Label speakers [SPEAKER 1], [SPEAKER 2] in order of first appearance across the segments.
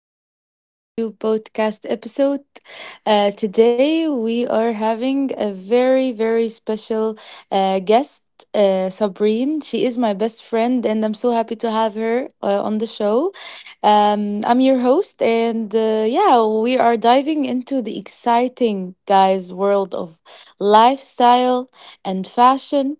[SPEAKER 1] back to our new podcast episode. Today, we are having a very special guest, Sabrine. She is my best friend, and I'm so happy to have her on the show. I'm your host, and yeah, we are diving into the exciting, guys, world of lifestyle and fashion,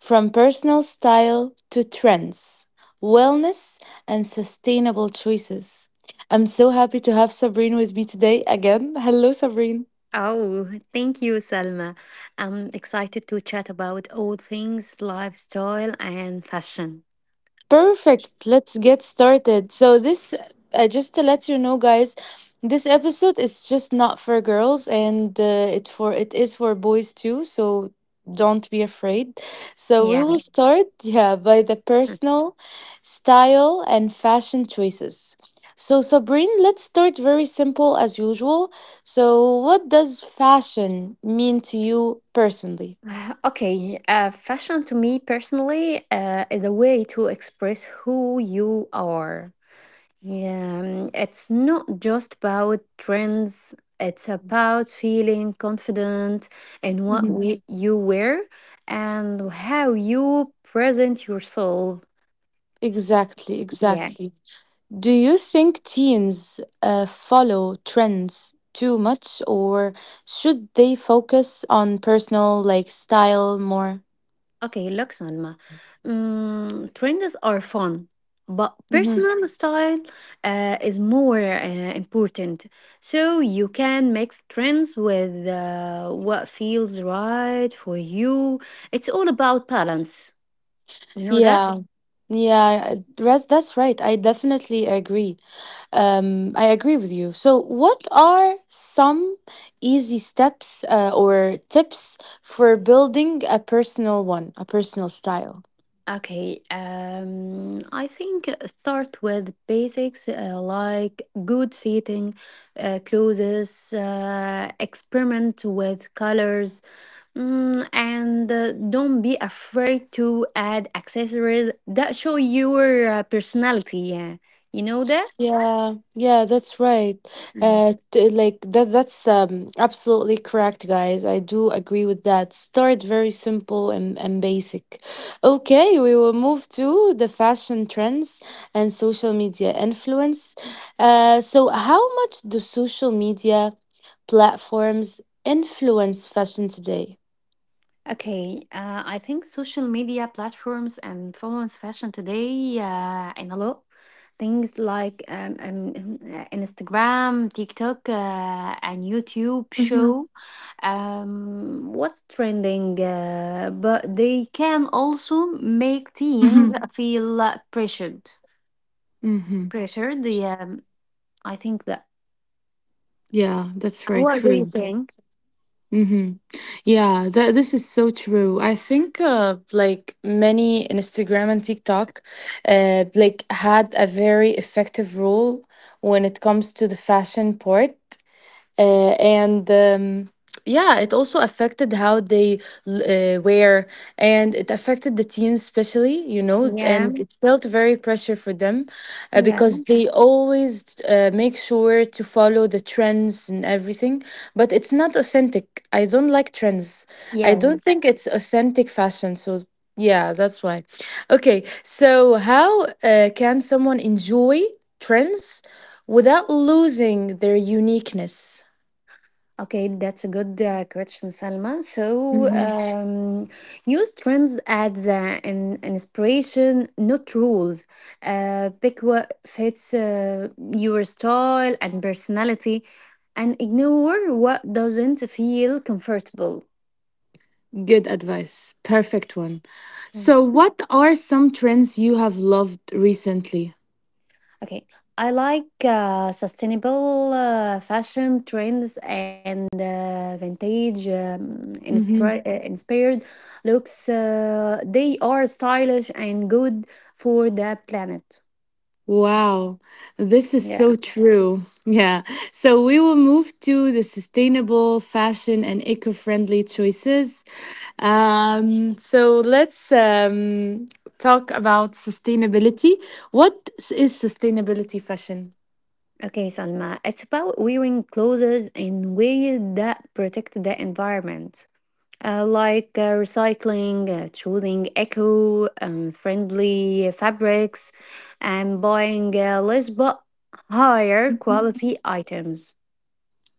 [SPEAKER 1] from personal style to trends, wellness, and sustainable choices. I'm so happy to have Sabrine with me today again. Hello, Sabrine.
[SPEAKER 2] Oh, thank you, Salma. I'm excited to chat about all things lifestyle and fashion.
[SPEAKER 1] Perfect. Let's get started. So this, just to let you know guys, this episode is just not for girls, and it for it is for boys too, so don't be afraid. So we
[SPEAKER 2] Yeah.
[SPEAKER 1] will start, yeah, by the personal style and fashion choices. So Sabrine, let's start very simple as usual. So what does fashion mean to you personally?
[SPEAKER 2] Okay, Fashion to me personally is a way to express who you are. Yeah, it's not just about trends, it's about feeling confident in
[SPEAKER 1] Mhm.
[SPEAKER 2] you wear and how you present yourself.
[SPEAKER 1] Exactly, exactly. Do you think teens follow trends too much, or should they focus on personal like style more?
[SPEAKER 2] Okay, looks on ma. Trends are fun, but
[SPEAKER 1] Hmm.
[SPEAKER 2] personal style is more important. So you can mix trends with what feels right for you. It's all about balance. You know that?
[SPEAKER 1] Yeah, yeah, that's right. I definitely agree. I agree with you. So, what are some easy steps or tips for building a personal style?
[SPEAKER 2] Okay, I think start with basics like good fitting, clothes, experiment with colors, and don't be afraid to add accessories that show your personality. Yeah, you know that?
[SPEAKER 1] Yeah, yeah, that's right. T- like that that's Absolutely correct, guys. I do agree with that. Start very simple and basic. Okay, we will move to the fashion trends and social media influence. So how much do social media platforms influence fashion today?
[SPEAKER 2] Okay, I think social media platforms and influence fashion today in a lot. Things like Instagram, TikTok, and YouTube
[SPEAKER 1] Mm-hmm.
[SPEAKER 2] show what's trending, but they can also make
[SPEAKER 1] Mm-hmm.
[SPEAKER 2] teens feel pressured.
[SPEAKER 1] Mm-hmm.
[SPEAKER 2] Pressured, yeah. I think that.
[SPEAKER 1] Yeah, that's right.
[SPEAKER 2] What do you
[SPEAKER 1] True.
[SPEAKER 2] think?
[SPEAKER 1] Mm-hmm. Yeah, that this is so true. I think like many Instagram and TikTok like had a very effective role when it comes to the fashion part, and yeah. It also affected how they wear, and it affected the teens especially, you know, and
[SPEAKER 2] Yeah,
[SPEAKER 1] it felt very pressure for them
[SPEAKER 2] yeah,
[SPEAKER 1] because they always make sure to follow the trends and everything, but it's not authentic. I don't like trends. I
[SPEAKER 2] yeah.
[SPEAKER 1] don't think it's authentic fashion. So yeah, that's why. Okay, so how can someone enjoy trends without losing their uniqueness?
[SPEAKER 2] Okay, that's a good question, Salma.
[SPEAKER 1] Mhm.
[SPEAKER 2] Use trends as an inspiration, not rules. Pick what fits your style and personality, and ignore what doesn't feel comfortable.
[SPEAKER 1] Good advice. Perfect one.
[SPEAKER 2] Mm.
[SPEAKER 1] So, what are some trends you have loved recently?
[SPEAKER 2] Okay, I like sustainable fashion trends and vintage
[SPEAKER 1] Hmm.
[SPEAKER 2] inspired looks. They are stylish and good for the planet.
[SPEAKER 1] Wow, this is
[SPEAKER 2] Yeah.
[SPEAKER 1] so true. Yeah. So, we will move to the sustainable fashion and eco friendly choices. So, let's talk about sustainability. What is sustainability fashion?
[SPEAKER 2] Okay, Salma. It's about wearing clothes in ways that protect the environment. Like recycling, choosing eco friendly fabrics, and buying less but higher quality items.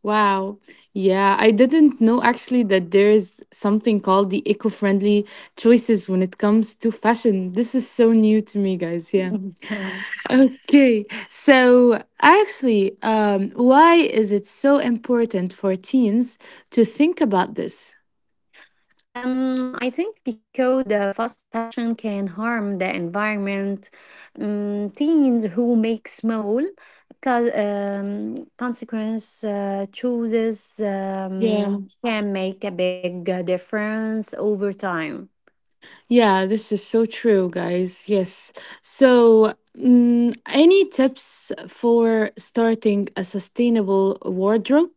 [SPEAKER 1] Wow. Yeah, I didn't know actually that there is something called the eco-friendly choices when it comes to fashion. This is so new to me, guys. Yeah. Okay. So, actually, um, why is it so important for teens to think about this?
[SPEAKER 2] I think because the fast fashion can harm the environment, teens who make small consequence chooses
[SPEAKER 1] Yeah.
[SPEAKER 2] can make a big difference over time.
[SPEAKER 1] Yeah, this is so true, guys. Yes. So, any tips for starting a sustainable wardrobe?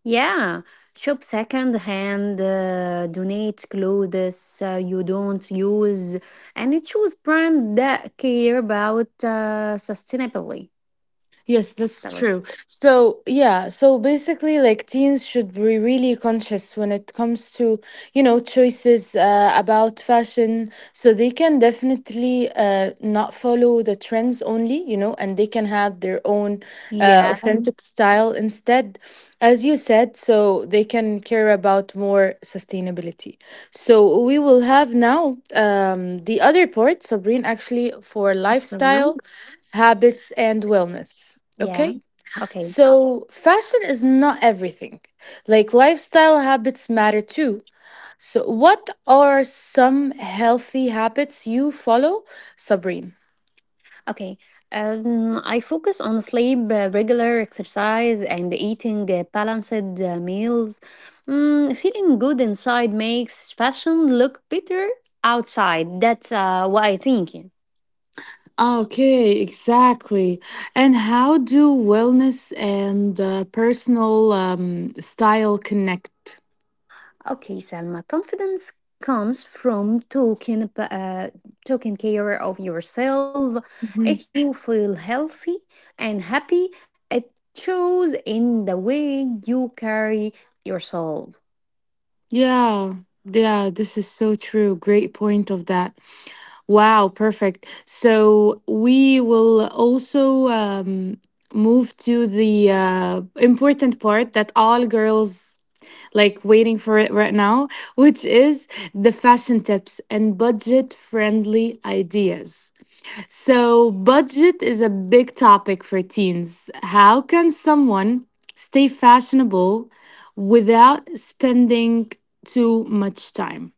[SPEAKER 2] Yeah, shop second hand, donate clothes you don't use, and choose brand that care about sustainability.
[SPEAKER 1] Yes, that's true. So, yeah, so basically, like teens should be really conscious when it comes to, you know, choices about fashion. So they can definitely not follow the trends only, you know, and they can have their own
[SPEAKER 2] Yes,
[SPEAKER 1] authentic style instead. As you said, so they can care about more sustainability. So we will have now the other part, Sabrine, actually, for lifestyle
[SPEAKER 2] absolutely.
[SPEAKER 1] habits and wellness.
[SPEAKER 2] Yeah.
[SPEAKER 1] Okay?
[SPEAKER 2] Okay.
[SPEAKER 1] So, fashion is not everything. Like, lifestyle habits matter too. So, what are some healthy habits you follow, Sabrine?
[SPEAKER 2] Okay. I focus on sleep, regular exercise, and eating balanced meals. Feeling good inside makes fashion look better outside. That's what I think. Yeah.
[SPEAKER 1] Okay, exactly. And how do wellness and personal style connect?
[SPEAKER 2] Okay, Selma, confidence comes from taking care of yourself. If you feel healthy and happy, it shows in the way you carry yourself.
[SPEAKER 1] Yeah, yeah, this is so true. Great point of that. Wow, perfect. So we will also move to the important part that all girls like waiting for it right now, which is the fashion tips and budget friendly ideas. So, budget is a big topic for teens. How can someone stay fashionable without spending too much time?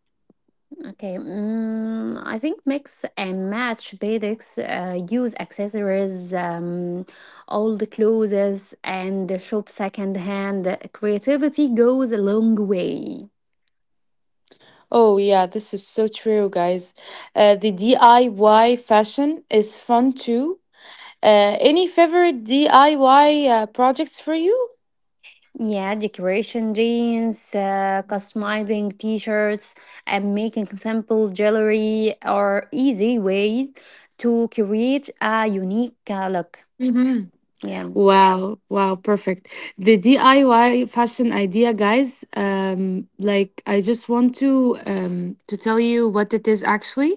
[SPEAKER 2] Okay, I think mix and match basics. Use accessories, old clothes, and shop second hand. Creativity goes a long way.
[SPEAKER 1] Oh, yeah, this is so true, guys. The DIY fashion is fun too. Any favorite DIY projects for you?
[SPEAKER 2] Yeah, decoration jeans, customizing t shirts, and making simple jewelry are easy ways to create a unique look. Yeah,
[SPEAKER 1] Wow, wow, perfect. The DIY fashion idea, guys. Like I just want to tell you what it is actually.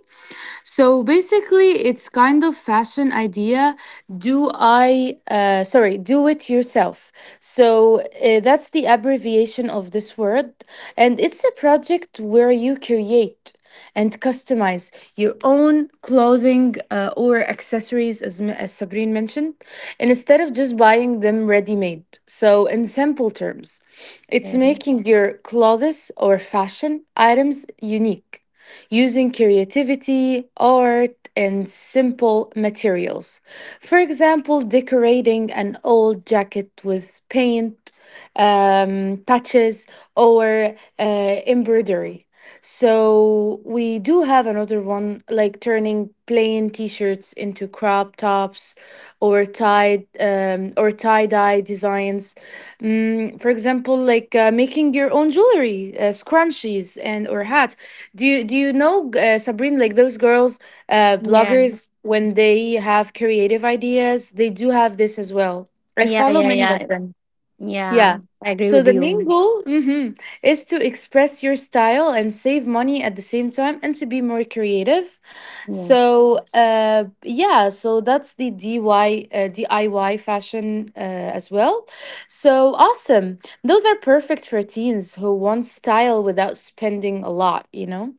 [SPEAKER 1] So basically, it's kind of fashion idea. Do it yourself. So that's the abbreviation of this word. And it's a project where you create and customize your own clothing or accessories, as Sabrine mentioned, and instead of just buying them ready made. So, in simple terms, it's
[SPEAKER 2] yeah,
[SPEAKER 1] making your clothes or fashion items unique using creativity, art, and simple materials. For example, decorating an old jacket with paint, patches, or embroidery. So we do have another one like turning plain t-shirts into crop tops or tie-dye designs. For example, like making your own jewelry, scrunchies and or hats. Do you know Sabrine, like those girls
[SPEAKER 2] yeah,
[SPEAKER 1] bloggers, when they have creative ideas, they do have this as well. I
[SPEAKER 2] yeah,
[SPEAKER 1] follow
[SPEAKER 2] yeah,
[SPEAKER 1] many of
[SPEAKER 2] yeah.
[SPEAKER 1] them.
[SPEAKER 2] Yeah,
[SPEAKER 1] Yeah.
[SPEAKER 2] I agree with
[SPEAKER 1] So the
[SPEAKER 2] you.
[SPEAKER 1] main goal, mhm, is to express your style and save money at the same time, and to be more creative.
[SPEAKER 2] Yes.
[SPEAKER 1] So that's the DIY fashion as well. So awesome. Those are perfect for teens who want style without spending a lot, you know?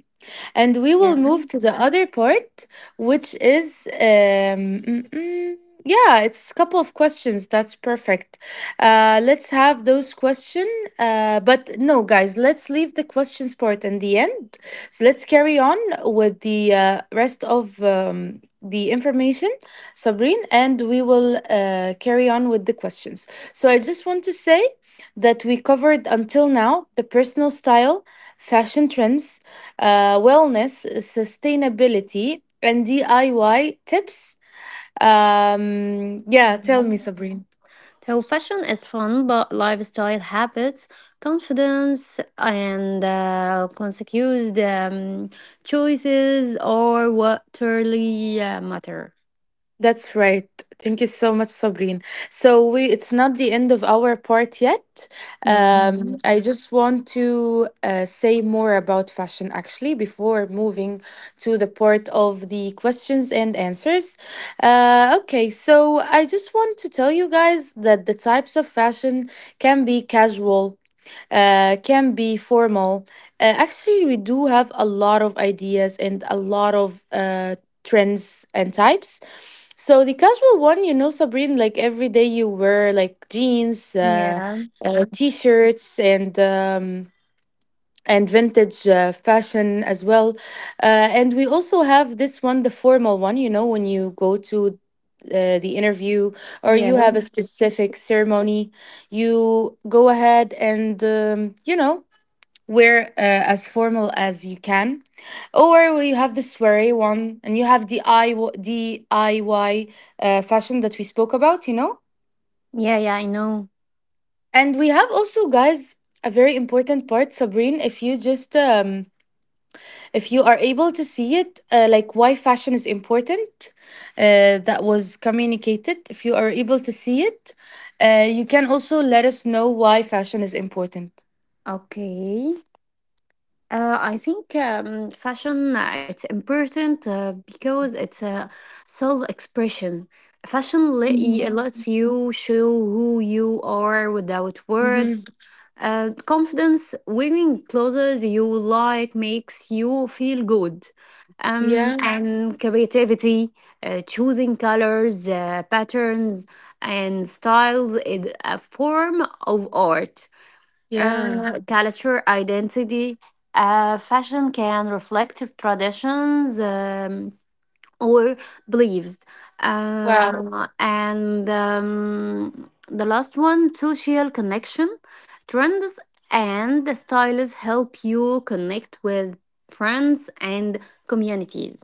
[SPEAKER 1] And we will
[SPEAKER 2] Yeah.
[SPEAKER 1] move to the other part, which is, yeah, it's a couple of questions. That's perfect. Let's have those questions. But no, guys, let's leave the questions part in the end. So let's carry on with the rest of the information, Sabrine, and we will carry on with the questions. So I just want to say that we covered until now the personal style, fashion trends, wellness, sustainability, and DIY tips. Yeah, tell me,
[SPEAKER 2] Mhm.
[SPEAKER 1] Sabrine.
[SPEAKER 2] So, fashion is fun, but lifestyle habits, confidence, and consecutive um, choices are what truly matter.
[SPEAKER 1] That's right. Thank you so much, Sabrine. So we, it's not the end of our part yet.
[SPEAKER 2] Mhm.
[SPEAKER 1] I just want to say more about fashion actually before moving to the part of the questions and answers. Okay, so I just want to tell you guys that the types of fashion can be casual, can be formal. Actually, we do have a lot of ideas and a lot of trends and types. So the casual one, you know, Sabrine, like every day you wear like jeans, uh,
[SPEAKER 2] Yeah.
[SPEAKER 1] uh, t-shirts, and vintage fashion as well. And we also have this one, the formal one. You know, when you go to the interview, or you
[SPEAKER 2] Yeah.
[SPEAKER 1] have a specific ceremony, you go ahead and you know, wear as formal as you can. Or you have the sweary one, and you have the DIY fashion that we spoke about, you know?
[SPEAKER 2] Yeah. Yeah. I know.
[SPEAKER 1] And we have also, guys, a very important part, Sabrine, if you just, if you are able to see it, like why fashion is important, that was communicated. If you are able to see it, you can also let us know why fashion is important.
[SPEAKER 2] Okay. I think fashion it's important because it's a self-expression. Fashion let you, yeah, lets you show who you are without words.
[SPEAKER 1] Mm-hmm.
[SPEAKER 2] Confidence wearing clothes you like makes you feel good.
[SPEAKER 1] Yeah,
[SPEAKER 2] And creativity, choosing colors, patterns, and styles is a form of art
[SPEAKER 1] yeah.
[SPEAKER 2] culture identity. Fashion can reflect traditions or beliefs.
[SPEAKER 1] Wow.
[SPEAKER 2] And The last one, social connection. Trends and the styles help you connect with friends and communities.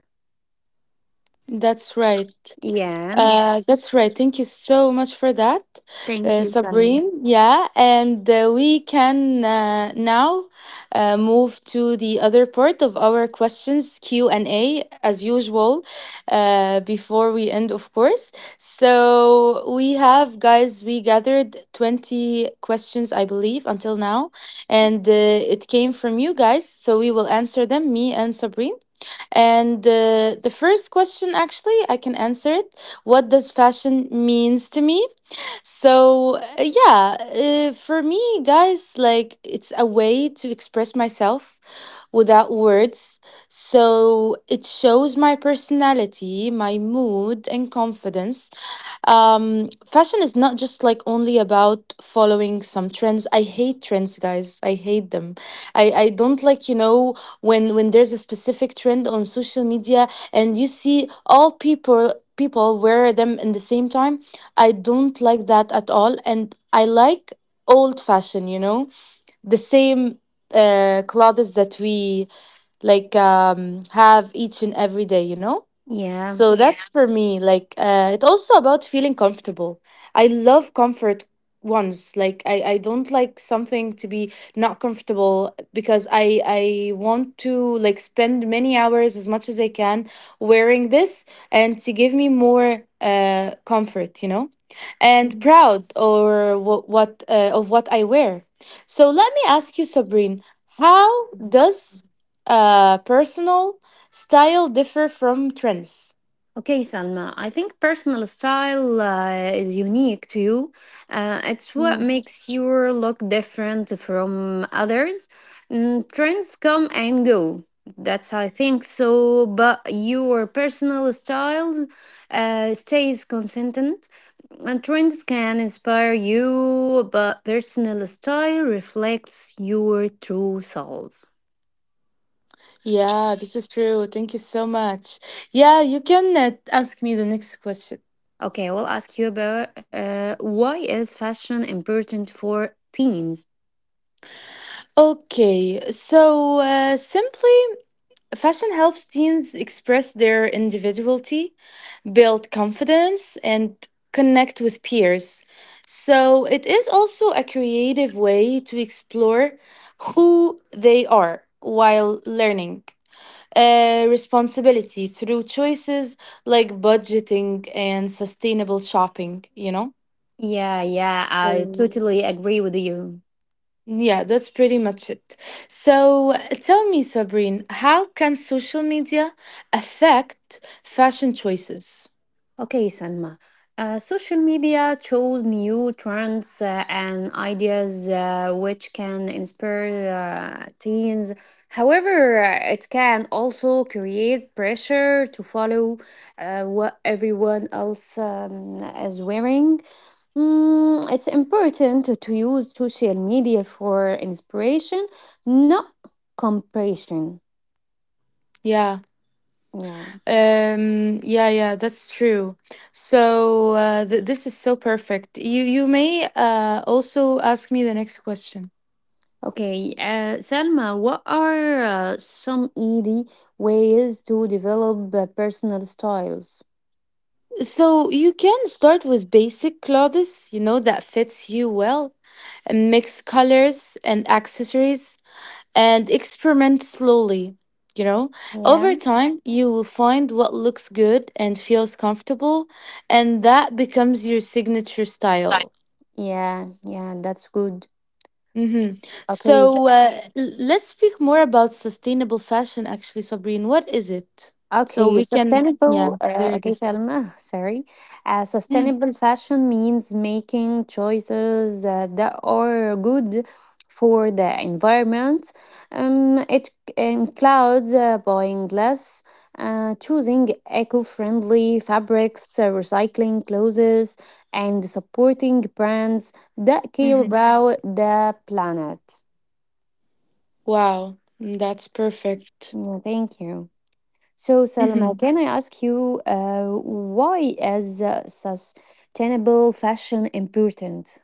[SPEAKER 1] That's right.
[SPEAKER 2] Yeah.
[SPEAKER 1] That's right. Thank you so much for that,
[SPEAKER 2] Thank you, Salma.
[SPEAKER 1] Sabrine. Yeah, and we can now move to the other part of our questions, Q and A, as usual. Before we end, of course. So we have guys. We gathered 20 questions, I believe, until now, and it came from you guys. So we will answer them. Me and Sabrine. And the first question, actually, I can answer it. What does fashion means to me? So for me, guys, like it's a way to express myself without words. So it shows my personality, my mood, and confidence. Fashion is not just like only about following some trends. I hate trends, guys. I hate them. I don't like, you know, when there's a specific trend on social media, and you see all people wear them in the same time. I don't like that at all, and I like old fashioned, you know, the same clothes that we like have each and every day, you know.
[SPEAKER 2] Yeah.
[SPEAKER 1] So that's for me. Like, it's also about feeling comfortable. I love comfort ones. Like, I don't like something to be not comfortable, because I want to like spend many hours as much as I can wearing this, and to give me more comfort, you know, and proud what of what I wear. So let me ask you, Sabrine, how does personal style differ from trends?
[SPEAKER 2] Okay, Salma, I think personal style is unique to you. It's what
[SPEAKER 1] Mm.
[SPEAKER 2] makes you look different from others. Trends come and go. That's how I think so, but your personal style stays consistent. And trends can inspire you, but personal style reflects your true self.
[SPEAKER 1] Yeah, this is true. Thank you so much. Yeah, you can ask me the next question.
[SPEAKER 2] Okay, I will ask you about why is fashion important for teens?
[SPEAKER 1] Okay, so simply, fashion helps teens express their individuality, build confidence, and connect with peers. So it is also a creative way to explore who they are while learning responsibility through choices like budgeting and sustainable shopping, you know?
[SPEAKER 2] Yeah, yeah, I totally agree with you.
[SPEAKER 1] Yeah, that's pretty much it. So tell me, Sabrine, how can social media affect fashion choices?
[SPEAKER 2] Okay, Salma. Social media shows new trends and ideas which can inspire teens. However, it can also create pressure to follow what everyone else is wearing. It's important to use social media for inspiration, not comparison.
[SPEAKER 1] Yeah.
[SPEAKER 2] Yeah.
[SPEAKER 1] Yeah, yeah, that's true. So th this is so perfect. You may also ask me the next question.
[SPEAKER 2] Okay, Selma, what are some easy ways to develop personal styles?
[SPEAKER 1] So you can start with basic Claudius, you know, that fits you well, and mix colors and accessories and experiment slowly, you know.
[SPEAKER 2] Yeah.
[SPEAKER 1] Over time, you will find what looks good and feels comfortable, and that becomes your signature
[SPEAKER 2] Style.
[SPEAKER 1] style.
[SPEAKER 2] Yeah, yeah, that's good.
[SPEAKER 1] Mm-hmm.
[SPEAKER 2] Okay,
[SPEAKER 1] Let's speak more about sustainable fashion, actually, Sabrine. What is it? So
[SPEAKER 2] Okay,
[SPEAKER 1] we can,
[SPEAKER 2] sustainable.
[SPEAKER 1] yeah, clear
[SPEAKER 2] Okay,
[SPEAKER 1] this.
[SPEAKER 2] Selma, sorry. Sustainable fashion means making choices that are good for the environment. It includes buying less, choosing eco friendly fabrics, recycling clothes, and supporting brands that care
[SPEAKER 1] Mm-hmm.
[SPEAKER 2] about the planet.
[SPEAKER 1] Wow, mm, that's perfect.
[SPEAKER 2] Yeah, thank you. So, Salma,
[SPEAKER 1] Mm-hmm.
[SPEAKER 2] can I ask you why is sustainable fashion important?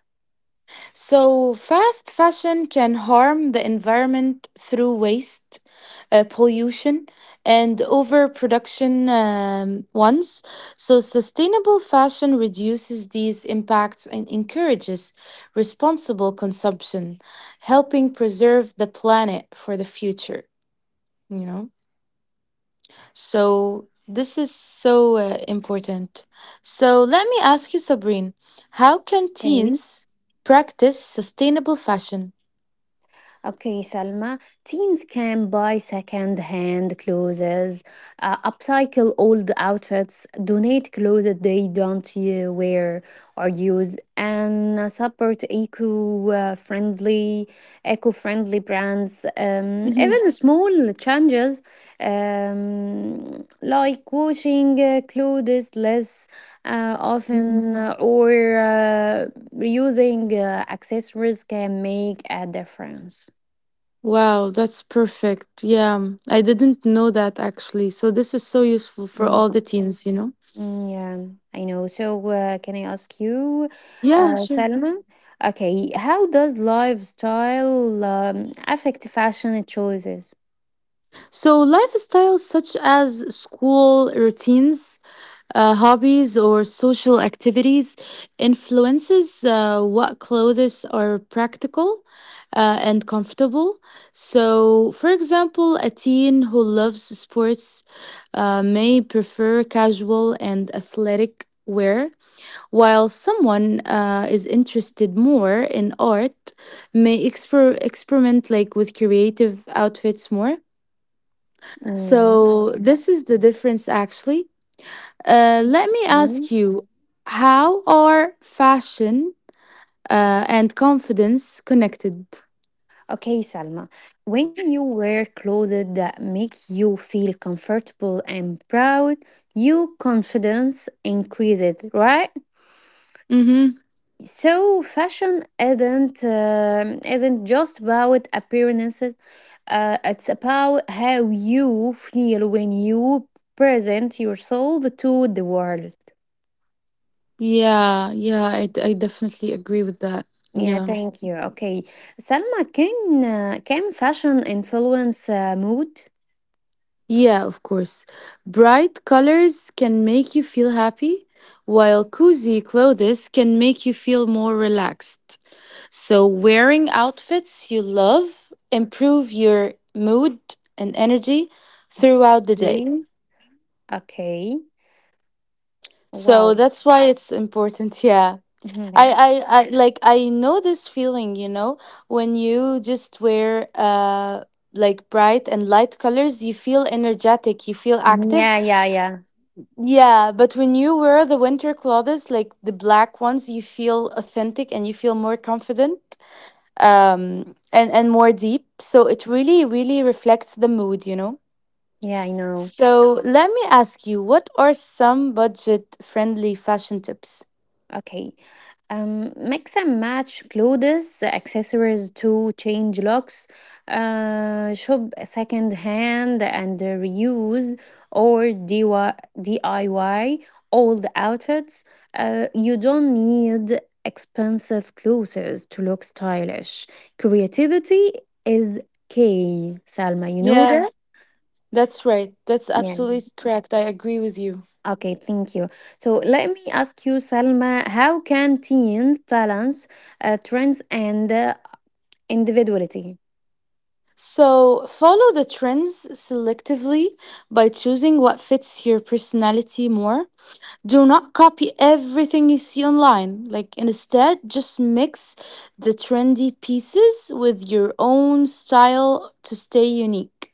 [SPEAKER 1] So, fast fashion can harm the environment through waste, pollution, and overproduction ones. So, sustainable fashion reduces these impacts and encourages responsible consumption, helping preserve the planet for the future, you know? So, this is so important. So, let me ask you, Sabrine, how can
[SPEAKER 2] Okay.
[SPEAKER 1] teens practice sustainable fashion?
[SPEAKER 2] Okay, Salma, teens can buy second-hand clothes, upcycle old outfits, donate clothes that they don't wear or use, and support eco-friendly brands.
[SPEAKER 1] Mhm.
[SPEAKER 2] Even small changes, like washing clothes less
[SPEAKER 1] Mhm.
[SPEAKER 2] often or uh, reusing accessories can make a difference.
[SPEAKER 1] Wow, that's perfect. Yeah, I didn't know that actually. So this is so useful for all
[SPEAKER 2] Mm,
[SPEAKER 1] the teens, you know?
[SPEAKER 2] yeah, I know. So, can I ask you,
[SPEAKER 1] Yeah, sure.
[SPEAKER 2] Salma? Okay, how does lifestyle affect fashion choices?
[SPEAKER 1] So lifestyles such as school routines, hobbies, or social activities influences what clothes are practical and comfortable. So, for example, a teen who loves sports may prefer casual and athletic wear while someone is interested more in art may experiment like with creative outfits more.
[SPEAKER 2] Mm, yeah.
[SPEAKER 1] So this is the difference, actually. Let
[SPEAKER 2] That's
[SPEAKER 1] me
[SPEAKER 2] okay.
[SPEAKER 1] ask you, how are fashion and confidence connected?
[SPEAKER 2] Okay, Salma, when you wear clothes that make you feel comfortable and proud, your confidence increases, right?
[SPEAKER 1] Mm-hmm.
[SPEAKER 2] So, fashion isn't just about appearances. It's about how you feel when you present yourself to the world.
[SPEAKER 1] yeah yeah I, d- I definitely agree with that.
[SPEAKER 2] Yeah,
[SPEAKER 1] Yeah.
[SPEAKER 2] thank you. Okay, Salma, can fashion influence mood?
[SPEAKER 1] Yeah, of course. Bright colors can make you feel happy, while cozy clothes can make you feel more relaxed. So, wearing outfits you love improve your mood and energy throughout the day.
[SPEAKER 2] Really? Okay.
[SPEAKER 1] So,
[SPEAKER 2] Wow.
[SPEAKER 1] that's why it's important, yeah. I,
[SPEAKER 2] Yeah.
[SPEAKER 1] I, I like I know this feeling, you know, when you just wear like bright and light colors, you feel energetic, you feel active.
[SPEAKER 2] Yeah, yeah, yeah.
[SPEAKER 1] Yeah, but when you wear the winter clothes, like the black ones, you feel authentic and you feel more confident, and more deep. So it really reflects the mood, you know.
[SPEAKER 2] Yeah, I know.
[SPEAKER 1] So let me ask you, what are some budget-friendly fashion tips?
[SPEAKER 2] Okay. Mix and match clothes, accessories to change looks, shop second hand and reuse or DIY old outfits. You don't need expensive clothes to look stylish. Creativity is key, Salma. You know
[SPEAKER 1] Yeah,
[SPEAKER 2] that?
[SPEAKER 1] that's right. That's
[SPEAKER 2] Yeah.
[SPEAKER 1] absolutely correct. I agree with you.
[SPEAKER 2] Okay, thank you. So let me ask you, Salma, how can teens balance trends and individuality?
[SPEAKER 1] So follow the trends selectively by choosing what fits your personality more. Do not copy everything you see online. Like, instead, just mix the trendy pieces with your own style to stay unique.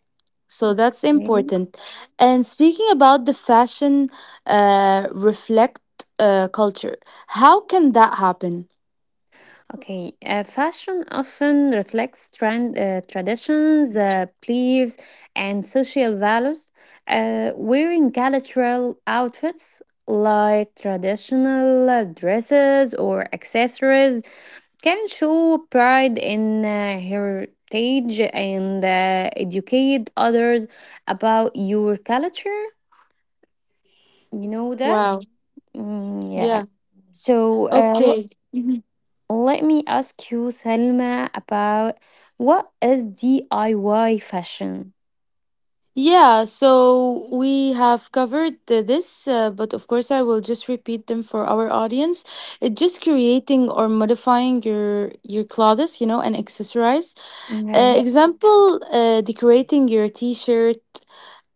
[SPEAKER 1] So that's
[SPEAKER 2] Okay.
[SPEAKER 1] important. And speaking about the fashion reflect culture, how can that happen?
[SPEAKER 2] Okay, fashion often reflects traditions, beliefs, and social values. Wearing cultural outfits like traditional dresses or accessories can show pride in heritage and educate others about your culture. You know that?
[SPEAKER 1] Wow.
[SPEAKER 2] Mm, yeah.
[SPEAKER 1] Yeah.
[SPEAKER 2] So
[SPEAKER 1] Okay.
[SPEAKER 2] let me ask you, Salma, about what is DIY fashion?
[SPEAKER 1] Yeah, so we have covered this, but of course, I will just repeat them for our audience. It's just creating or modifying your clothes, you know, and accessorize.
[SPEAKER 2] Mhm.
[SPEAKER 1] Example, decorating your T-shirt,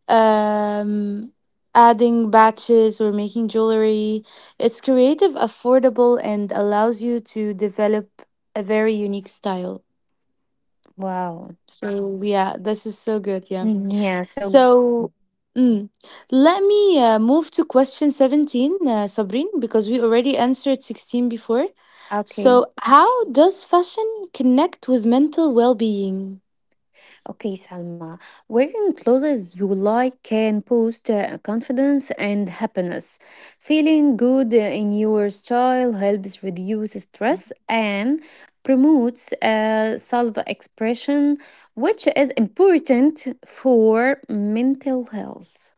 [SPEAKER 1] um, adding batches or making jewelry. It's creative, affordable, and allows you to develop a very unique style.
[SPEAKER 2] Wow.
[SPEAKER 1] So yeah, this is so good. Yeah.
[SPEAKER 2] Mm, yeah, so good.
[SPEAKER 1] So, mm, let me move to question 17, Sabrine, because we already answered 16 before. So,
[SPEAKER 2] Okay.
[SPEAKER 1] how does fashion connect with mental well being?
[SPEAKER 2] Okay, Salma, wearing clothes you like can boost confidence and happiness. Feeling good in your style helps reduce stress and promotes self expression, which is important for mental health.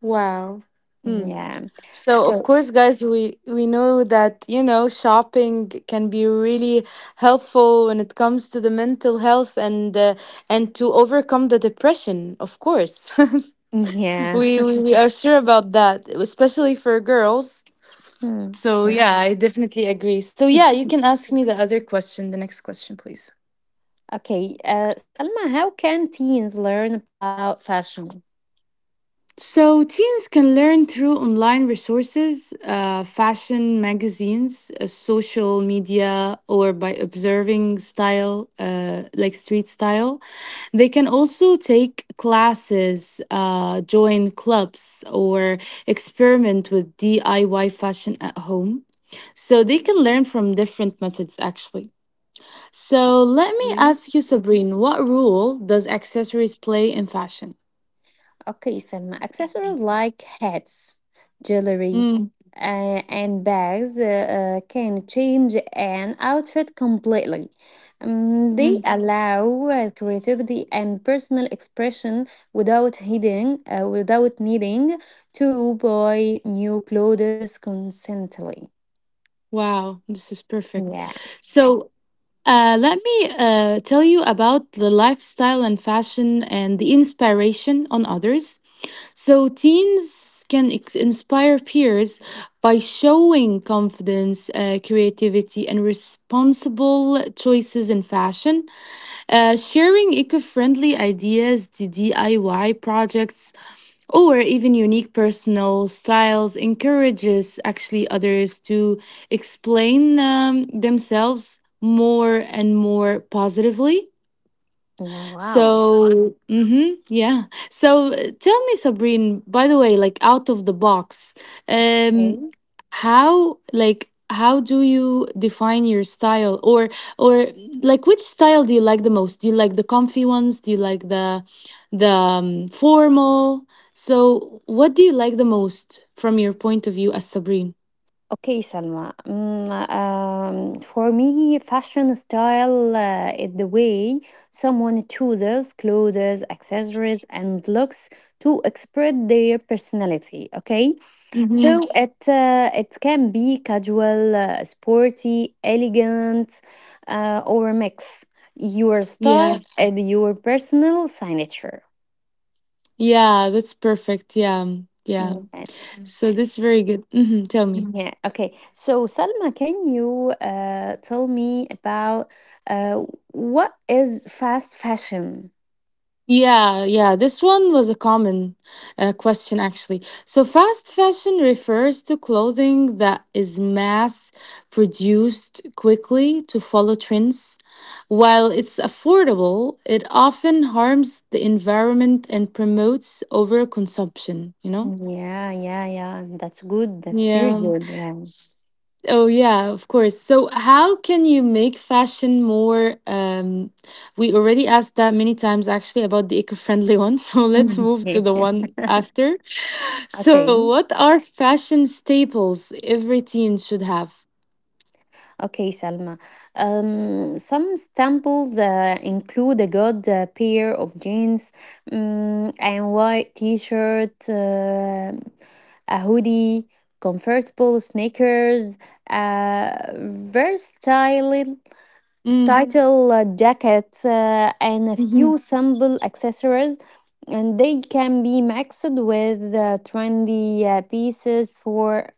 [SPEAKER 1] Wow. Mm.
[SPEAKER 2] Yeah.
[SPEAKER 1] So, of
[SPEAKER 2] So,
[SPEAKER 1] course, guys, we know that, you know, shopping can be really helpful when it comes to the mental health and to overcome the depression, of course.
[SPEAKER 2] yeah.
[SPEAKER 1] We are sure about that, especially for girls.
[SPEAKER 2] Hmm,
[SPEAKER 1] So yeah,
[SPEAKER 2] yes.
[SPEAKER 1] I definitely agree. So yeah, you
[SPEAKER 2] Mhm.
[SPEAKER 1] can ask me the other question, the next question, please.
[SPEAKER 2] Okay, Salma, how can teens learn about fashion?
[SPEAKER 1] So, teens can learn through online resources, fashion magazines, social media, or by observing style, like street style. They can also take classes, join clubs, or experiment with DIY fashion at home. So, they can learn from different methods actually. So let me ask you, Sabrine, what role does accessories play in fashion?
[SPEAKER 2] Okay, Selma. Accessories like hats, jewelry,
[SPEAKER 1] Mm,
[SPEAKER 2] and bags can change an outfit completely. They
[SPEAKER 1] mm,
[SPEAKER 2] allow creativity and personal expression without needing to buy new clothes constantly.
[SPEAKER 1] wow, this is perfect.
[SPEAKER 2] Yeah.
[SPEAKER 1] So let me tell you about the lifestyle and fashion and the inspiration on others. So teens can inspire peers by showing confidence, creativity, and responsible choices in fashion. Sharing eco friendly ideas, the DIY projects, or even unique personal styles encourages actually others to explain themselves more and more positively.
[SPEAKER 2] Yeah. Wow.
[SPEAKER 1] So, mm-hmm, yeah. So, tell me, Sabrine, by the way, like out of the box, um, how like how do you define your style or like which style do you like the most? Do you like the comfy ones? Do you like the formal? So, what do you like the most from your point of view as Sabrine?
[SPEAKER 2] Okay, Salma. For me, fashion style is the way someone chooses clothes, accessories, and looks to express their personality. Okay, so
[SPEAKER 1] Mm-hmm.
[SPEAKER 2] yeah, it can be casual, sporty, elegant, or a mix. Your style
[SPEAKER 1] Yeah.
[SPEAKER 2] and your personal signature.
[SPEAKER 1] Yeah, that's perfect. Yeah. Yeah. So, this is very good. Mm-hmm, tell me.
[SPEAKER 2] Yeah, okay. So, Salma, can you tell me about uh, what is fast fashion?
[SPEAKER 1] Yeah, yeah, this one was a common question actually. So, fast fashion refers to clothing that is mass produced quickly to follow trends. While it's affordable, it often harms the environment and promotes overconsumption, you know?
[SPEAKER 2] Yeah, yeah, yeah. That's good. That's very
[SPEAKER 1] Yeah.
[SPEAKER 2] good. Yeah.
[SPEAKER 1] Oh yeah, of course. So how can you make fashion more we already asked that many times actually about the eco-friendly one. So let's
[SPEAKER 2] Mhm.
[SPEAKER 1] move to the one after. So
[SPEAKER 2] Okay.
[SPEAKER 1] what are fashion staples every teen should have?
[SPEAKER 2] Okay, Salma. Some samples include a good pair of jeans, and white t-shirt, a hoodie, comfortable sneakers, a versatile
[SPEAKER 1] Mm.
[SPEAKER 2] style jacket and a
[SPEAKER 1] Hmm.
[SPEAKER 2] few simple accessories and they can be mixed with trendy pieces for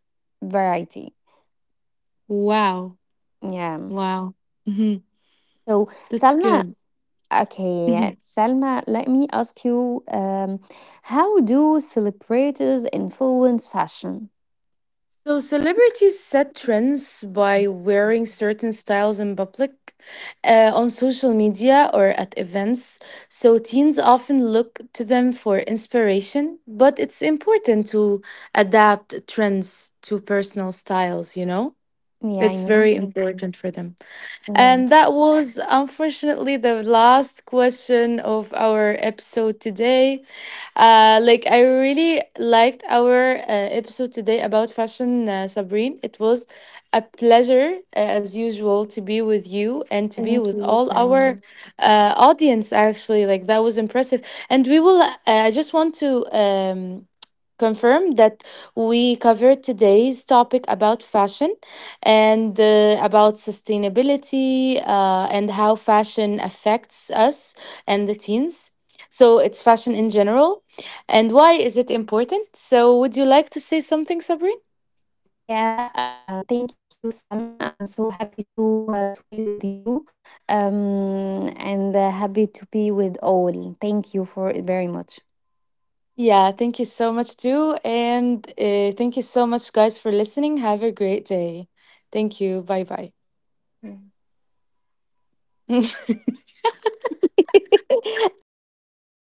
[SPEAKER 2] variety.
[SPEAKER 1] Wow.
[SPEAKER 2] Yeah.
[SPEAKER 1] Wow. Hmm.
[SPEAKER 2] so
[SPEAKER 1] That's
[SPEAKER 2] salma
[SPEAKER 1] good.
[SPEAKER 2] okay
[SPEAKER 1] Mhm.
[SPEAKER 2] Salma, let me ask you, how do celebrities influence fashion?
[SPEAKER 1] So celebrities set trends by wearing certain styles in public, on social media, or at events. So teens often look to them for inspiration, but it's important to adapt trends to personal styles, you know?
[SPEAKER 2] Yeah, I
[SPEAKER 1] It's very
[SPEAKER 2] know.
[SPEAKER 1] Mhm. important for them. And
[SPEAKER 2] Yeah.
[SPEAKER 1] that was unfortunately the last question of our episode today. Like I really liked our episode today about fashion, Sabrine. It was a pleasure, as usual, to be with you and to be with
[SPEAKER 2] Thank you,
[SPEAKER 1] all our
[SPEAKER 2] Salma.
[SPEAKER 1] audience. Actually, like that was impressive, and we will. I just want to confirm that we covered today's topic about fashion and about sustainability and how fashion affects us and the teens. So it's fashion in general and why is it important? So, would you like to say something, Sabrine?
[SPEAKER 2] Yeah, thank you, Salma. I'm so happy to be with you, and happy to be with all. Thank you for it very much.
[SPEAKER 1] Yeah, thank you so much, too. And thank you so much, guys, for listening. Have a great day. Thank you. Bye bye.
[SPEAKER 2] إمم. المهم إن أنا كل